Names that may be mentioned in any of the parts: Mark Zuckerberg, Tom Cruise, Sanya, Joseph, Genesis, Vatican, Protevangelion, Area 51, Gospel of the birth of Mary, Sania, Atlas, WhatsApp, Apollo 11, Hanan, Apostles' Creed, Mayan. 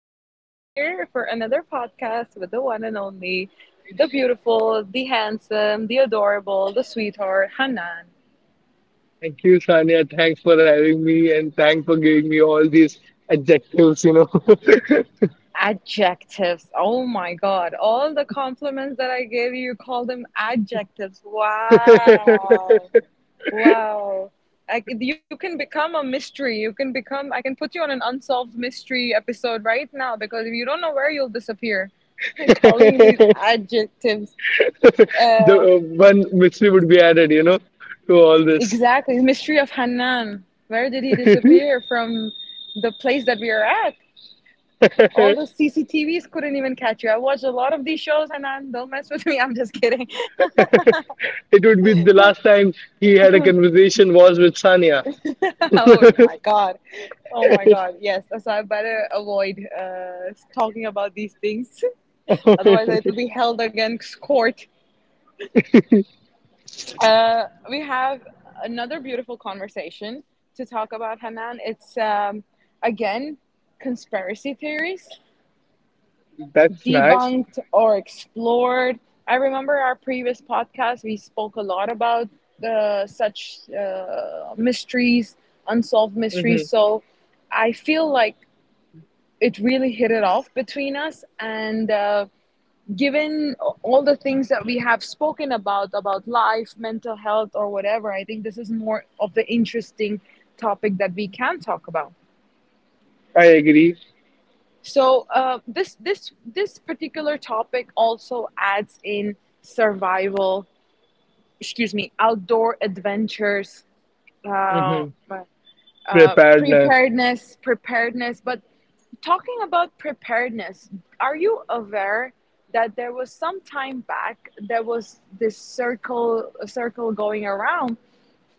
Sanya, here for another podcast with the one and only, the beautiful, the handsome, the adorable, the sweetheart, Hanan. Thank you, Sania. Thanks for having me and thanks for giving me all these adjectives. Adjectives. Oh my God. All the compliments that I gave you, you call them adjectives. Wow. Wow. You can become a mystery. You can become, I can put you on an unsolved mystery episode right now because if you don't know where you'll disappear. Calling these adjectives. The Uh, one mystery would be added, you know, to all this. exactly. The Mystery of Hanan. Where did he disappear from the place that we are at? All the CCTVs couldn't even catch you. I watched a lot of these shows, Hanan. Don't mess with me. I'm just kidding. It would be the last time he had a conversation was with Sania. Oh my God. Oh my God. Yes. So I better avoid talking about these things. Otherwise, it will be held against court. We have another beautiful conversation to talk about, Hanan. It's, again, conspiracy theories That's nice. debunked or explored. I remember our previous podcast, we spoke a lot about the such mysteries, unsolved mysteries. Hmm. So I feel like it really hit it off between us. And given all the things that we have spoken about life, mental health, or whatever, I think this is more of the interesting topic that we can talk about. I agree. So this particular topic also adds in survival, excuse me, outdoor adventures, uh, Hmm. Preparedness. preparedness, preparedness. But talking about preparedness, are you aware that there was some time back there was this circle going around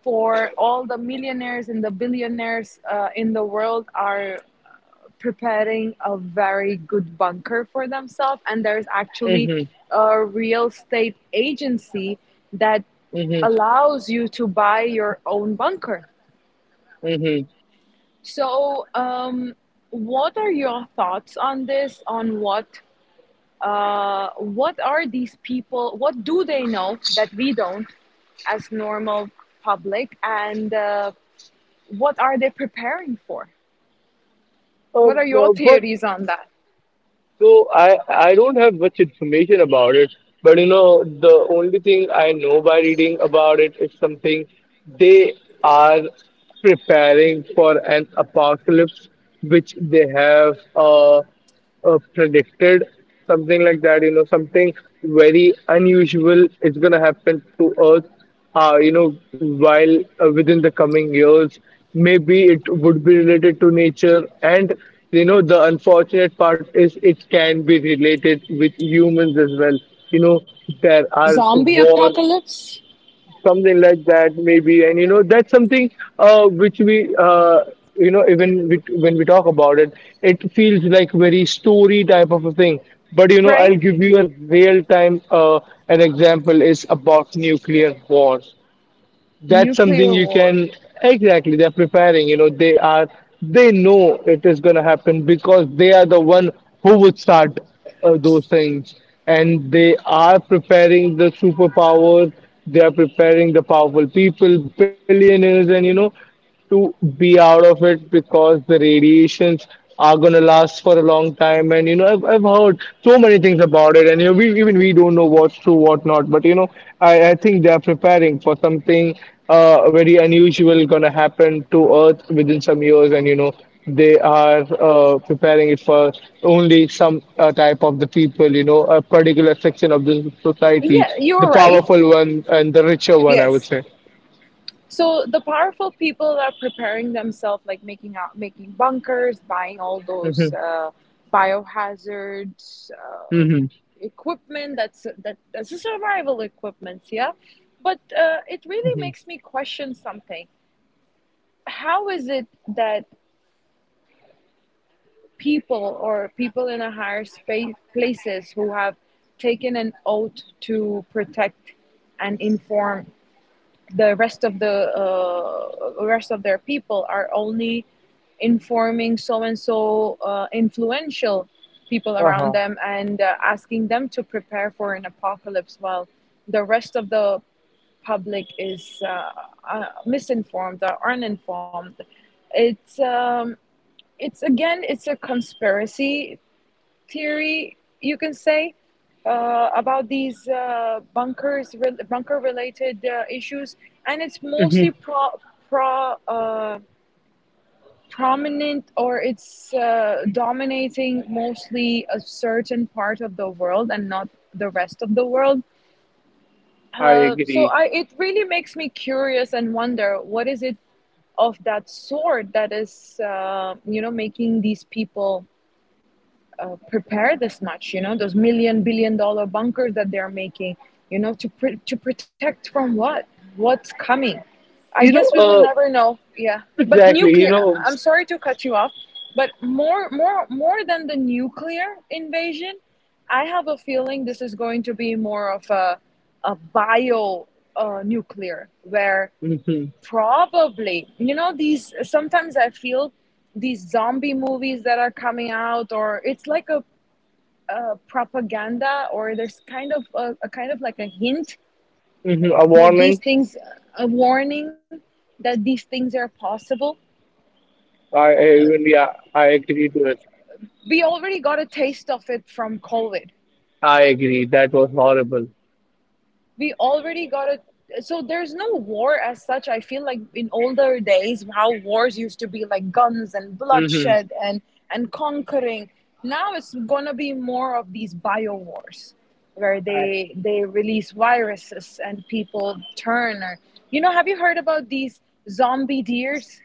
for all the millionaires and the billionaires in the world are preparing a very good bunker for themselves, and there's actually Hmm. a real estate agency that Hmm. allows you to buy your own bunker. Hmm. So what are your thoughts on this, on what are these people, what do they know that we don't, as normal public, and what are they preparing for, Uh, what are your what theories on that? So I don't have much information about it, but you know the only thing I know by reading about it is something they are preparing for an apocalypse which they have predicted something like that. You know, something very unusual is gonna happen to Earth, you know, while within the coming years, maybe it would be related to nature. And, you know, the unfortunate part is it can be related with humans as well. You know, there are Zombie war, apocalypse. something like that, maybe. And, you know, that's something which you know, when we talk about it, it feels like very story type of a thing. But, you know, I'll Right. give you a real time an example is about nuclear war. That's something Nuclear you wars. can exactly they're preparing, you know. They are, they know it is going to happen because they are the one who would start those things, and they are preparing the superpowers, they are preparing the powerful people, billionaires, and you know, to be out of it because the radiations are gonna last for a long time. And you know, I've heard so many things about it, and you know, we even we don't know what's true what not, but you know, I think they are preparing for something very unusual gonna happen to earth within some years. And you know, they are preparing it for only some type of the people, you know, a particular section of the Yeah, society, you're the right. powerful one and the richer one, I Yes. would say. So the powerful people are preparing themselves, like making out, making bunkers, buying all those Hmm. Biohazards Hmm. equipment. That's a survival equipment. Yeah, but it really makes me question something. How is it that people or people in a higher space places who have taken an oath to protect and inform the rest of their people are only informing so and so influential people around Hmm. them, and asking them to prepare for an apocalypse while the rest of the public is misinformed or uninformed. it's um, it's again, it's a conspiracy theory, you can say, about these bunkers, bunker-related issues, and it's mostly Hmm. Pro uh, prominent, or it's dominating mostly a certain part of the world and not the rest of the world. I agree. It really makes me curious and wonder what is it of that sort that is, you know, making these people prepare this much, you know, those million billion dollar bunkers that they're making, you know, to to protect from what, what's coming. I You guess we know, will uh, never know. Yeah, but exactly. nuclear You know, am sorry to cut you off, but more than the nuclear invasion, I have a feeling this is going to be more of a bio nuclear, where hmm. probably, you know, these sometimes I feel these zombie movies that are coming out, or it's like a propaganda, or there's kind of a kind of like a hint Hmm. A that these warning. things, a warning, that these things are possible. I even yeah, I agree to it. We already got a taste of it from covid. I agree. That was horrible. We already got a, so there's no war as such, I feel like in older days how wars used to be like guns and Hmm. bloodshed and conquering. Now it's gonna be more of these bio wars where I, they release viruses and people turn, or you know, have you heard about these zombie deers?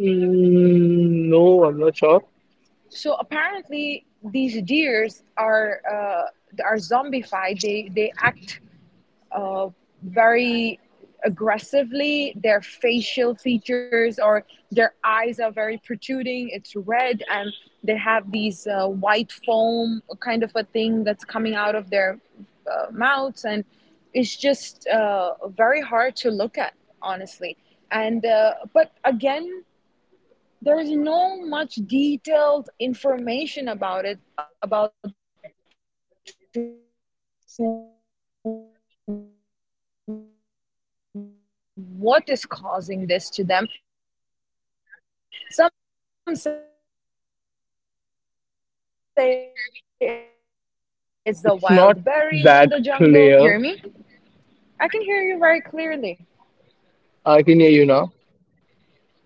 mm, no, I'm not sure. So apparently these deers are zombified, they act uh, very aggressively. Their facial features or their eyes are very protruding. It's red, and they have these white foam kind of a thing that's coming out of their mouths, and it's just very hard to look at, honestly. And but again, there's no much detailed information about it, about to what is causing this to them. Some say it's the wild berries in the jungle. Hanan, can you hear me? It's not that clear. Can you hear me? I can hear you I now. can hear you very clearly.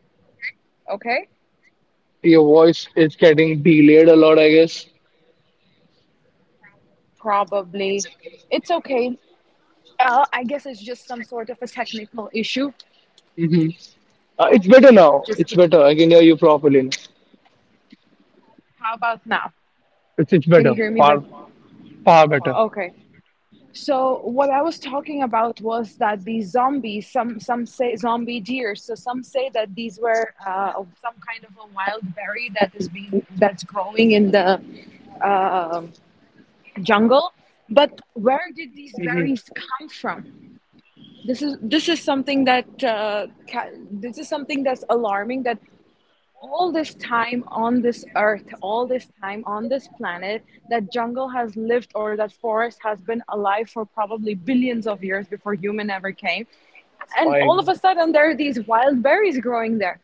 Your Okay, voice is getting delayed a lot, I guess. probably. It's okay. I guess it's just some sort of a technical issue. Hmm. It's better now. just It's keep- better. I can hear you properly now. how about now? It's Can better. you hear me, Far but far better. okay. So what I was talking about was that these zombies, some say zombie deer. So some say that these were some kind of a wild berry that is being that's growing in the uh, jungle. But where did these Hmm. berries come from? This is something that this is something that's alarming. That all this time on this earth, all this time on this planet, that jungle has lived, or that forest has been alive for probably billions of years before human ever came. And I all of agree. a sudden, there are these wild berries growing there.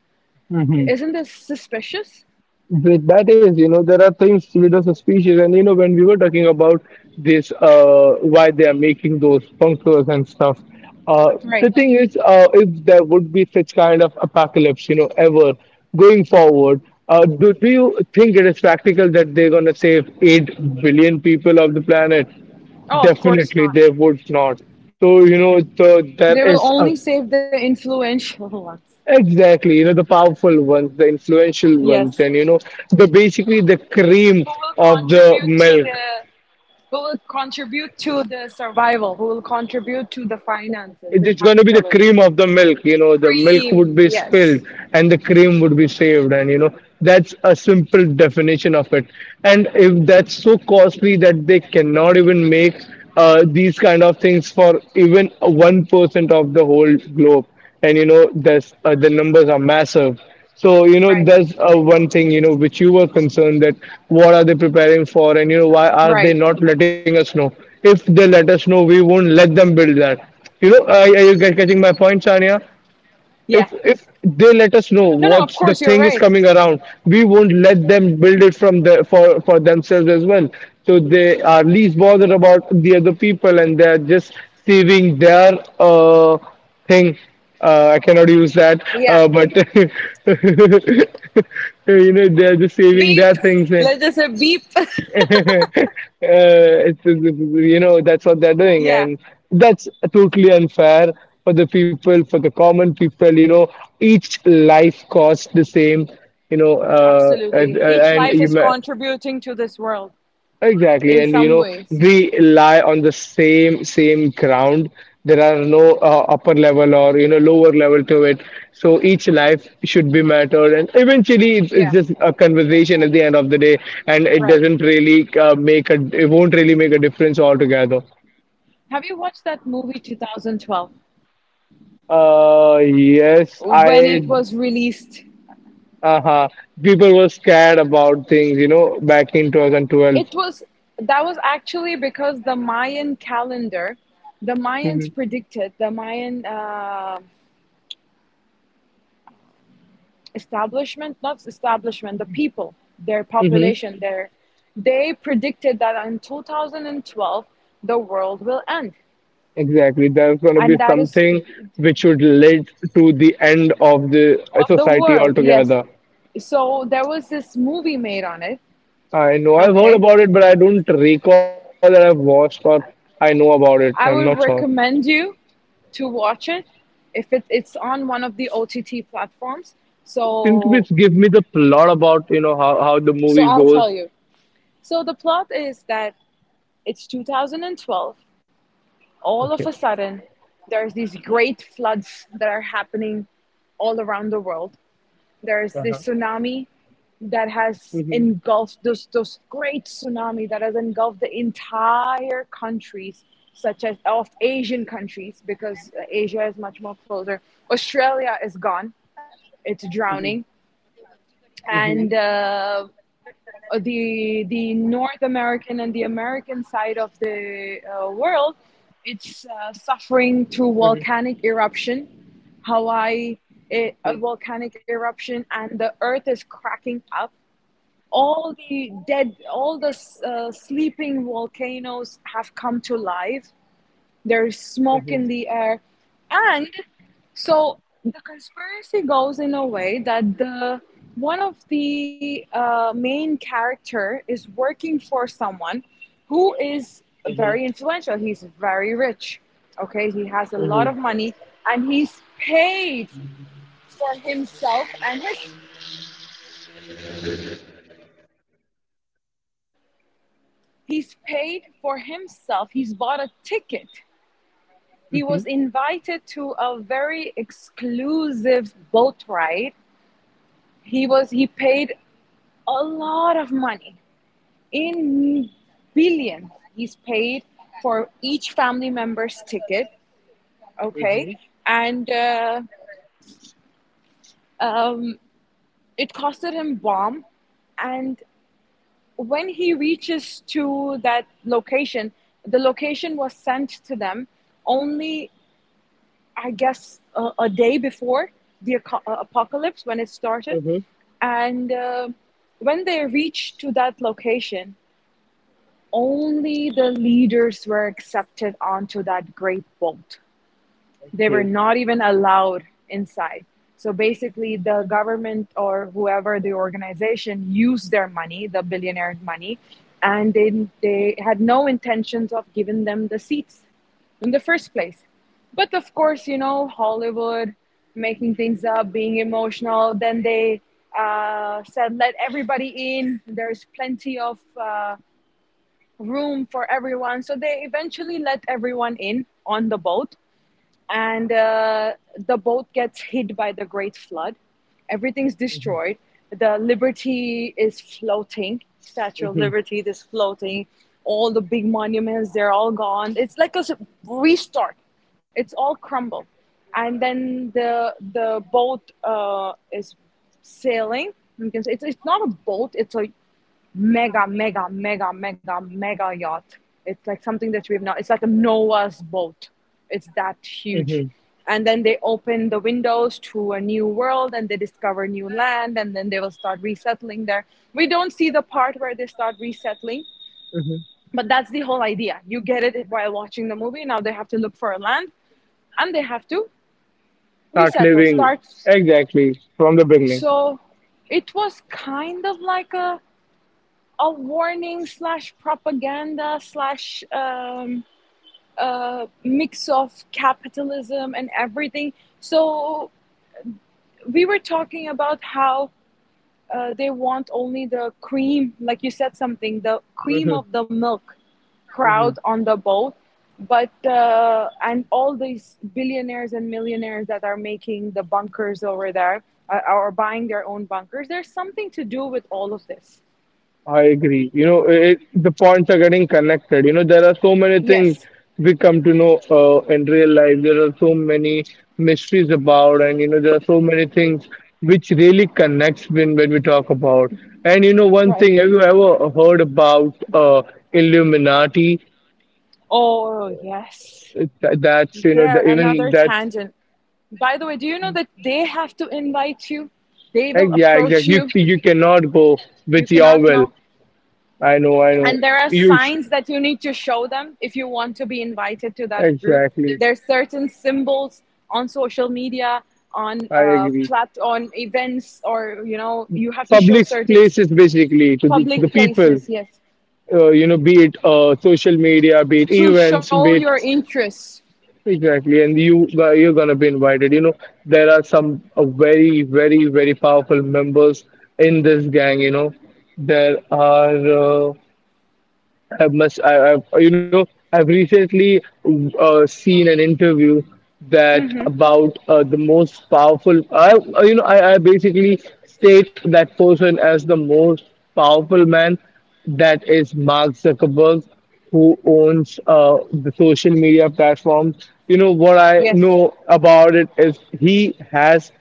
Hmm. Isn't this suspicious? But that is, you know, there are things which are suspicious, and you know, when we were talking about this, why they are making those bunkers and stuff. Uh, the Right. thing is, if there would be such kind of apocalypse, you know, ever going forward, do you think it is practical that they're gonna save 8 billion people of the planet? Oh, of course Definitely, not. they would not. So, you know, They there will is only a save the influential ones. exactly, you know, the powerful ones, the influential ones, Yes. and you know, the basically the Who cream will of the contribute to milk. the, who will contribute to the survival, who will contribute to the It- finances, It's the going to be the capitalism. cream of the milk, you know, the milk would Pre, be spilled yes. and the cream would be saved, and you know, that's a simple definition of it. And if that's so costly that they cannot even make these kind of things for even 1% of the whole globe, and you know there's the numbers are massive. So you know Right. there's one thing, you know, which you were concerned, that what are they preparing for, and you know, why are they Right. not letting us know? If they let us know, we won't let them build that, you know. Are you getting my point, Sania? Yeah. If they let us know No, no, of what's course the you're thing right. is coming around, we won't let them build it from the for themselves as well. So they are least bothered about the other people, and they're just saving their uh thing. I cannot use that, Yeah. But you know they're just saving Beep. their things. And Let's just say beep. You know that's what they're doing. Yeah. And that's totally unfair for the people, for the common people, you know. Each life costs the same, you know. Absolutely. Each life is contributing to this world Exactly, in and you some know ways. we lie on the same ground. There are no upper level or you know lower level to it. So each life should be mattered, and eventually it's Yeah. just a conversation at the end of the day, and it Right. doesn't really make a it won't really make a difference altogether. Have you watched that movie 2012 Yes, when I it was released? uh-huh. People were scared about things, you know, back in 2012. It was, that was actually because the Mayan calendar, the Hmm. Mayans predicted, the Mayan establishment, not establishment, the people, their population there, they predicted that in 2012 the world will end. Exactly. There's going to be And that is something which would lead to the end of the the society world, yes. altogether. So there was this movie made on it. I know. I've heard Okay. about it, but I don't recall that I've watched or I know about it. I'm not I sure. would recommend you to watch it if it, it's on one of the OTT platforms. Can you So please give me the plot about, you know, how the so movie I'll goes? tell you. So the plot is that it's 2012, Okay. all of a sudden there's these great floods that are happening all around the world. Uh-huh. There's this tsunami that Mhm, has engulfed those great tsunami that has engulfed the entire countries, such as of asian countries, because asia is much more closer. Australia mhm, is gone, it's mhm, drowning. And the North American and the American side of the world, it's mhm, mhm, mhm, suffering through volcanic eruption. Hawaii, it, a volcanic eruption, and the Earth is cracking up. All the dead, all the sleeping volcanoes have come to life. mhm, There's smoke in the air, and so the conspiracy goes in a way that the one of the main character is working for someone who mhm, is very influential. He's very rich. Okay, he has a lot of money, and he's paid for himself and his. He's paid for himself. He's bought a ticket. mhm, He was invited to a very exclusive boat ride. He was, he paid a lot of money in billions. He's paid for each family member's ticket. mhm, Okay. And um, it costed him bomb. And when he reaches to that location, the location was sent to them only, I guess a day before the apocalypse, when it started. mhm. And when they reach to that location, only the leaders were accepted onto that great boat. Okay. They were not even allowed inside. So basically, the government or whoever the organization used their money, the billionaire money, and they had no intentions of giving them the seats in the first place. But of course, you know, Hollywood making things up, being emotional, then they said, let everybody in. There's plenty of. Room for everyone. So they eventually let everyone in on the boat, and the boat gets hit by the Great Flood. Everything's Mhm, destroyed. The Liberty is floating. Statue of mhm, Liberty is floating. All the big monuments, they're all gone. It's like a restart. It's all crumbled, and then the boat is sailing. You can say it's not a boat. It's a mega, mega, mega, mega, mega yacht. It's like something that we've not, it's like a Noah's boat. It's that huge. mhm, And then they open the windows to a new world, and they discover new land, and then they will start resettling there. We don't see the part where they start resettling, mhm. but that's the whole idea. You get it while watching the movie. Now they have to look for a land, and they have to Start resettle, living start. exactly from the beginning. So it was kind of like a warning slash propaganda slash mix of capitalism and everything. So we were talking about how they want only the cream, like you said something, the cream Mm-hmm. of the milk Mhm. crowd on the boat, but and all these billionaires and millionaires that are making the bunkers over there, or buying their own bunkers. There's something to do with all of this. I agree. You know, it, the points are getting connected. You know, there are so many things Yes, we come to know in real life. There are so many mysteries about, and you know, there are so many things which really connects when we talk about. And you know, one right. thing, have you ever heard about Illuminati? Oh, yes. Th- That's you know, There even another that's tangent. By the way, do you know that they have to invite you? They eh, will yeah, approach exactly. you. You cannot go You with your cannot will. know. I know, I know. And there are You sh- signs that you need to show them if you want to be invited to that group. exactly. There are certain symbols on social media, on I agree. On events, or you know, you have to show Public certain places basically to to the public people, places. Yes, you know, be it social media, be it to events, show be your it interests. exactly. And you, you're gonna be invited, you know. There are some very very powerful members in this gang, you know. There are Uh, I must, I, I've, you know, I've recently seen an interview that about the most powerful. You know, I basically state that person as the most powerful man. That is Mark Zuckerberg, who owns the social media platforms. You know what I Yes, know about it is he has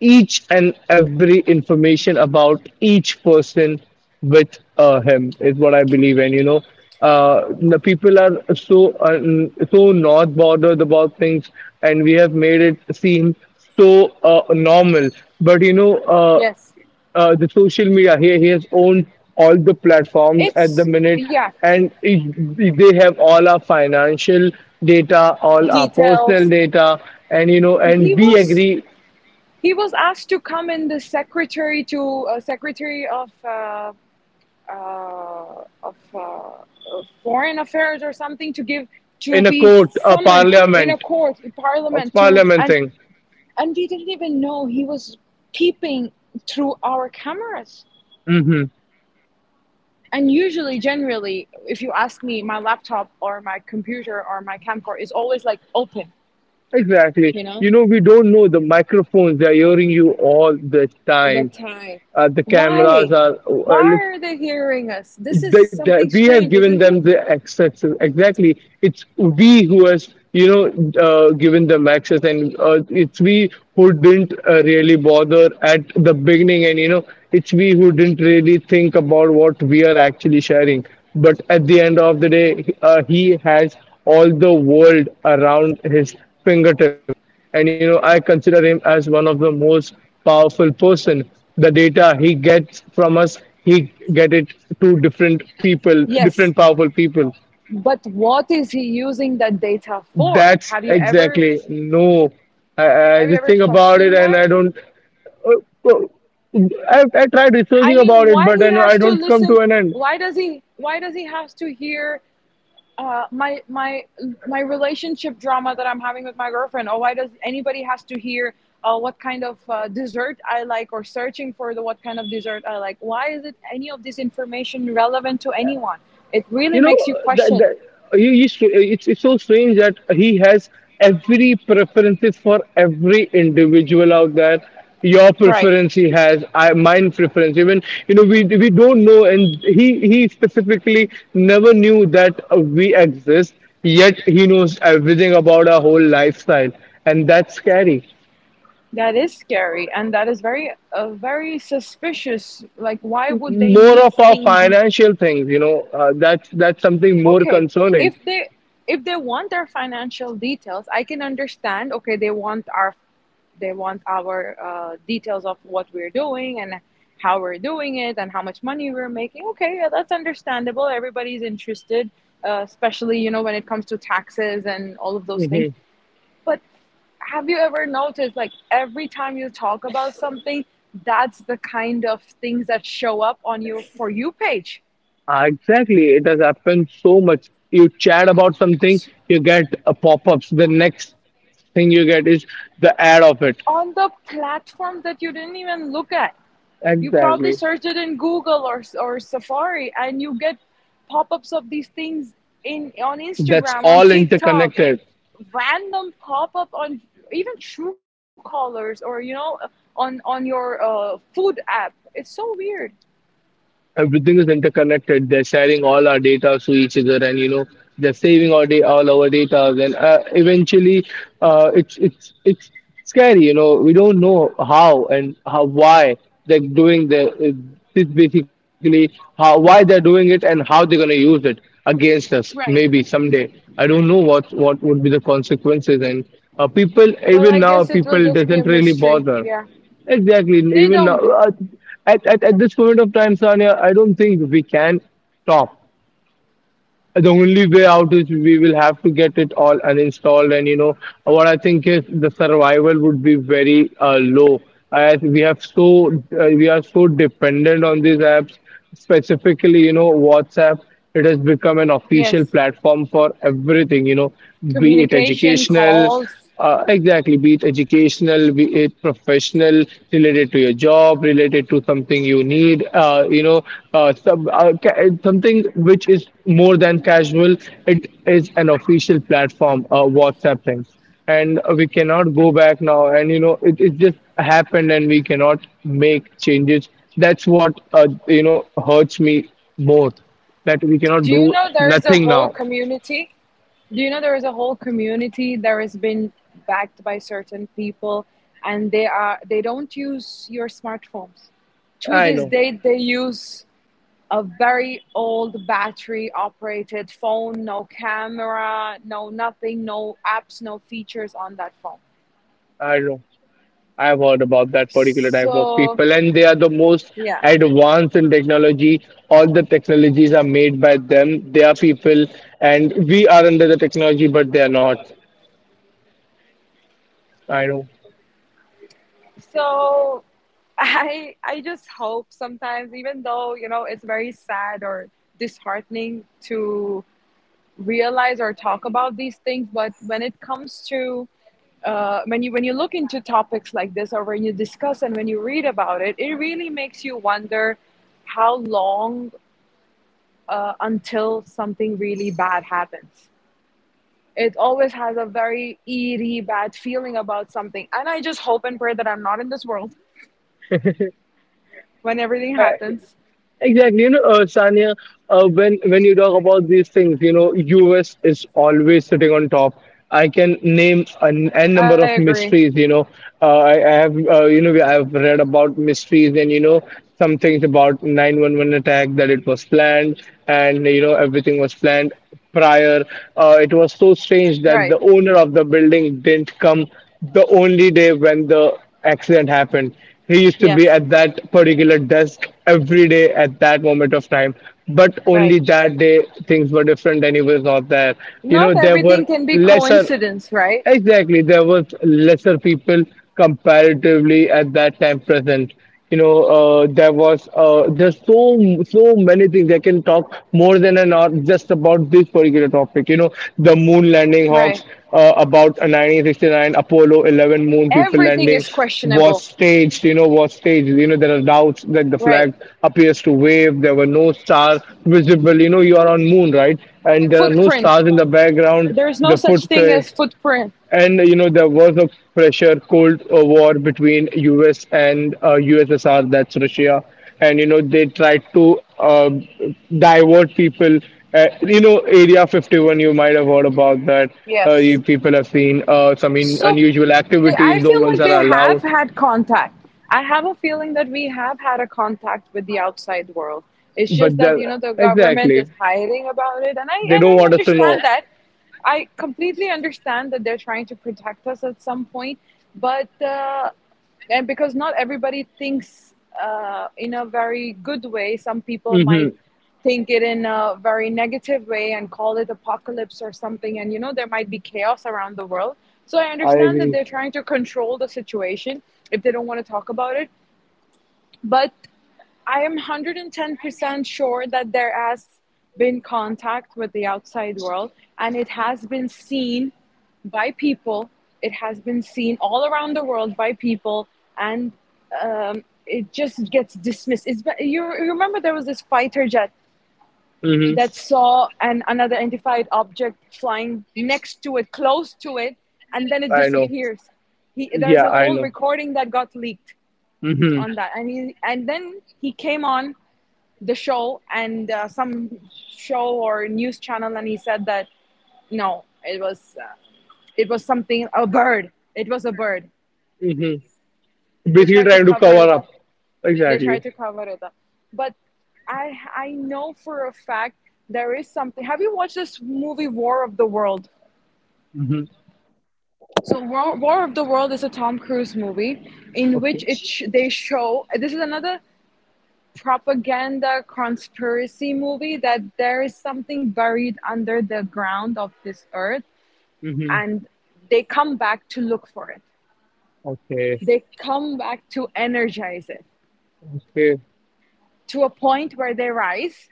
each and every information about each person with him is what I believe in. You know, the people are so so not bothered about things, and we have made it seem so normal. But you know, yes. The social media here, he has owned all the platforms at the It's minute, yeah, and it, they have all our financial data, all our personal details. data, and you know, and he we was agree he was asked to come in the secretary to secretary of uh, of uh, foreign affairs or something to give, to in a be court, summoned in a court in a parliament to, parliament and thing. and we didn't even know he was peeping through our cameras, Mm hmm. and usually, generally, if you ask me, my laptop or my computer or my camcorder is always like open, Exactly. you know, You know, we don't know the microphones. They are hearing you all the the time. time. The cameras Why? are Why are they hearing us? This is something we have strange, given isn't them it? the access, exactly. It's we who has, you know, given them access, and it's we who didn't really bother at the beginning. And you know, it's we who didn't really think about what we are actually sharing. But at the end of the day, he has all the world around his fingertips. And you know, I consider him as one of the most powerful person. The data he gets from us, he get it to different people, Yes, different powerful people. but what is he using that data for? Have you That's ever, exactly no i, have you I ever just think about questioned it, that? and I don't uh, I tried I researching mean, about it, why but he has I to don't come to listen? an end, Why does he, why does he have to hear my my relationship drama that I'm having with my girlfriend, or why does anybody has to hear what kind of dessert I like, or searching for the what kind of dessert I like? Why is it any of this information relevant to anyone? It you really know. makes you question, That you it's so strange that he has every preferences for every individual out there. Your right? preference he has, mine preference even, you know. We don't know, and he specifically never knew that we exist, yet he knows everything about our whole lifestyle, and that's scary. That is scary, and that is very, very suspicious. Like, why would they More need of our thing these. financial things, you know, that's something more Okay, concerning. if they, if they want our financial details, I can understand. Okay, they want our, they want our details of what we're doing and how we're doing it and how much money we're making. Okay, yeah, that's understandable. Everybody's interested, especially you know when it comes to taxes and all of those things. But have you ever noticed, like every time you talk about something, that's the kind of things that show up on your for you page, Ah, exactly, it has happened so much. You chat about something, you get a pop-ups. The next thing you get is the ad of it. on the platform that you didn't even look at. You probably Exactly. search it in Google or Safari, and you get pop-ups of these things in, on That's Instagram, on all TikTok, in interconnected. random pop-up on even True Callers, or you know, on your food app. It's so weird. Everything is interconnected. They're sharing all our data to each other, and you know they're saving all day all our data. Then eventually, it's scary. You know we don't know how and how why they're doing the this basically how why they're doing it and how they're gonna use it against us maybe Right. someday. I don't know what would be the consequences. And people Well, even I now guess it will people just be doesn't a really mystery. bother Yeah. exactly. They Even now, don't. At this point of time, Sanya, I don't think we can stop. The only way out is we will have to get it all uninstalled. And, you know, what I think is the survival would be very low. As we have so we are so dependent on these apps, specifically, you know, WhatsApp. It has become an official Yes. platform for everything, you know, be it Communication, educational. calls. Exactly, be it educational, be it professional, related to your job, related to something you need, something which is more than casual. It is an official platform, WhatsApp things. And we cannot go back now. And, you know, it just happened and we cannot make changes. That's what, hurts me more that we cannot Do you do know there is a nothing whole now. community Do you know there is a whole community that has been backed by certain people, and they are, they don't use your smartphones. To I this know, day, they use a very old battery operated phone, no camera, no nothing, no apps, no features on that phone. I know. I've heard about that particular type of people, So and they are the most yeah, advanced in technology. All the technologies are made by them. They are people, and we are under the technology, but they are not. I know. so I just hope sometimes, even though you know it's very sad or disheartening to realize or talk about these things, but when it comes to when you, when you look into topics like this, or when you discuss and when you read about it, it really makes you wonder how long until something really bad happens. It always has a very eerie bad feeling about something, and I just hope and pray that I'm not in this world when everything happens. Exactly, you know, Sanya, when you talk about these things, you know, US is always sitting on top. I can name an I n number of agree. mysteries. You know, I have you know I have read about mysteries, and you know some things about 911 attack, that it was planned, and you know everything was planned prior. It was so strange Right. that the owner of the building didn't come the only day when the accident happened. He used to be Yes, at that particular desk every day at that moment of time. But right. only that day things were different and he was not there. You Not know, there everything were can be lesser coincidence, right? Exactly, there was lesser people comparatively at that time present. You know, there's so many things I can talk more than an hour just about this particular topic. You know, the moon landing Right. hawks, about 1969 Apollo 11 moon people Everything is landing questionable. was staged. You know, was staged. You know, there are doubts that the Right. flag appears to wave. There were no stars visible. You know, you are on moon, right? And there are no Footprint. stars in the background. There is no The such thing footprint, as footprint. and you know there was a pressure Cold War between U.S. and USSR, that's Russia, and you know they tried to divert people. You know Area 51, you might have heard about that. Yes. You people have seen some in So unusual they, I activities. No feel ones like they are have allowed, had contact. I have a feeling that we have had a contact with the outside world. It's but just that you know the government is hiding about it, and I they and don't I want us to know. understand that. I completely understand that they're trying to protect us at some point, but and because not everybody thinks in a very good way, some people Hmm. might think it in a very negative way and call it apocalypse or something, and you know there might be chaos around the world. So I I understand that agree. they're trying to control the situation if they don't want to talk about it. But I am 110% sure that there has been contact with the outside world, and it has been seen by people. It has been seen all around the world by people, and it just gets dismissed. You remember there was this fighter jet Hmm. that saw an unidentified object flying next to it, close to it, and then it I know. disappears. He There's Yeah, a I whole know. recording that got leaked Hmm. on that, and he, and then he came on the show, and some show or news channel, and he said that no, it was it was something, a bird, it was a bird. Hmm. They Basically, tried to trying to cover cover it up. up. they Exactly. tried to cover it up But I know for a fact there is something. Have you watched this movie War of the World? Mm-hmm. So War of the World is a Tom Cruise movie in which Okay. They show, this is another propaganda conspiracy movie, that there is something buried under the ground of this earth, Mm-hmm. and they come back to look for it. Okay. They come back to energize it Okay. to a point where they rise.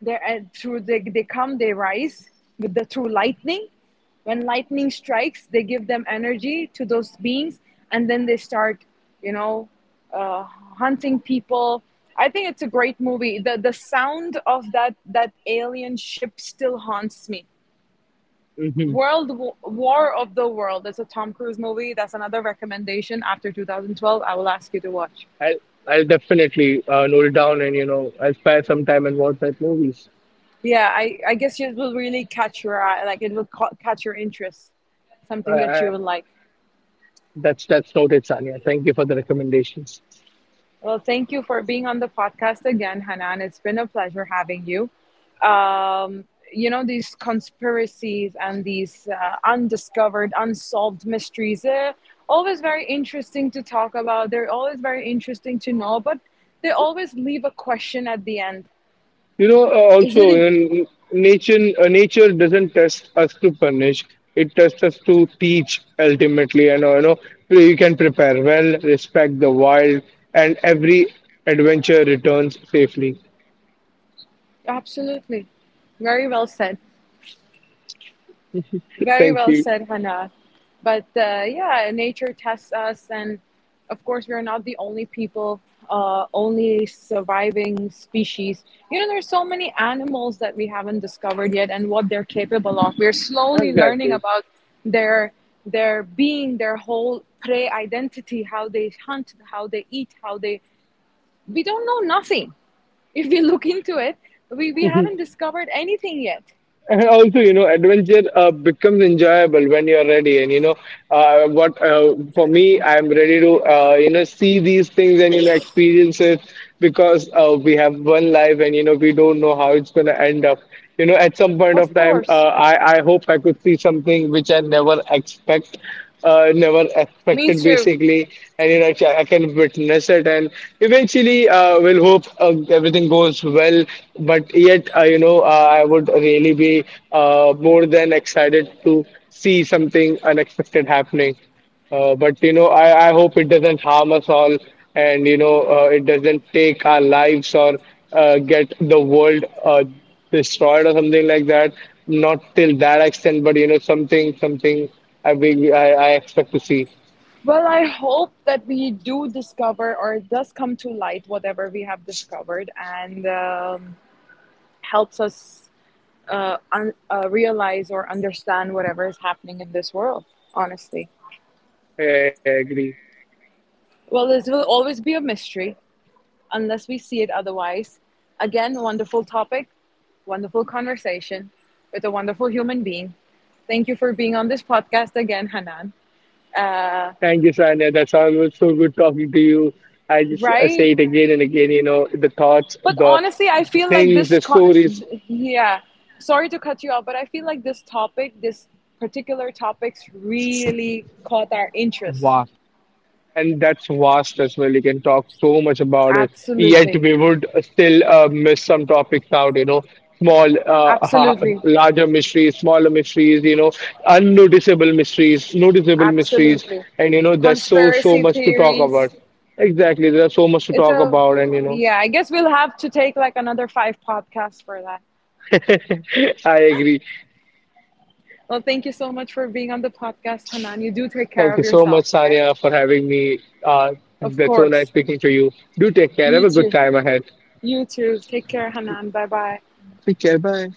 They're they come, they rise with the through lightning. When lightning strikes, they give them energy to those beings, and then they start, you know, hunting people. I think it's a great movie. The sound of that alien ship still haunts me. Mm-hmm. World Wa- War of the World. That's a Tom Cruise movie. That's another recommendation after 2012. I will ask you to watch. I'll I'll definitely note it down, and you know, I'll spare some time and watch that movies. Yeah, I guess it will really catch your eye, like it will catch your interest, I, something that you I, would like. that's noted, Sanya. Thank you for the recommendations. Well, thank you for being on the podcast again, Hanan. It's been a pleasure having you. Um, you know, these conspiracies and these undiscovered, unsolved mysteries, they're always very interesting to talk about. They're always very interesting to know, but they always leave a question at the end. You know, Is also, it? in nature, nature doesn't test us to punish. It tests us to teach ultimately. And, you know, you can prepare well, respect the wild, and every adventure returns safely. Absolutely. Very well said. Very Thank well you. said, Hannah. But yeah, nature tests us, and of course, we're not the only people, only surviving species. You know, there's so many animals that we haven't discovered yet, and what they're capable of. We're slowly learning Exactly. about their their being, their whole prey identity, how they hunt, how they eat, how they. We don't know nothing. If we look into it, we haven't discovered anything yet. And also, you know, adventure becomes enjoyable when you're ready. And you know, what for me, I'm ready to you know see these things and you know experience it, because we have one life and you know we don't know how it's gonna end up. You know, at some point Of of time, course. I hope I could see something which I never expect, never Me expected too. basically, and you know I can witness it, and eventually we'll hope everything goes well, but yet I would really be more than excited to see something unexpected happening, but you know, I hope it doesn't harm us all, and you know, it doesn't take our lives, or get the world destroyed or something like that. Not till that extent, but you know, something, something I expect to see. Well, I hope that we do discover, or it does come to light whatever we have discovered, and helps us realize or understand whatever is happening in this world, honestly. I agree. Well, this will always be a mystery unless we see it otherwise. Again, wonderful topic, wonderful conversation with a wonderful human being. Thank you for being on this podcast again, Hanan. Uh, Thank you, Sanya. That's always so good talking to you. I right? say it again and again. You know, the thoughts, But the honestly, I feel like things, this. the Co- stories. yeah, sorry to cut you off, but I feel like this topic, this particular topics, really caught our interest. Wow. And that's vast as well. You can talk so much about it, yet Absolutely, we would still miss some topics out, you know, small, ha absolutely, larger mysteries, smaller mysteries, you know, unnoticeable mysteries, noticeable mysteries, absolutely. and you know, there's so Conspiracy much to talk theories. about. Exactly, there's so much to It's talk a about, and you know, yeah. I guess we'll have to take like another five podcasts for that. I agree. Well, thank you so much for being on the podcast, Hanan. You do take care Thank of you so yourself, much, okay? Sanya, for having me. Uh, Of that's so nice course. speaking to you. Do take care. Have You a good too. time ahead. You too. Take care, Hanan. Bye bye. Take care. Bye.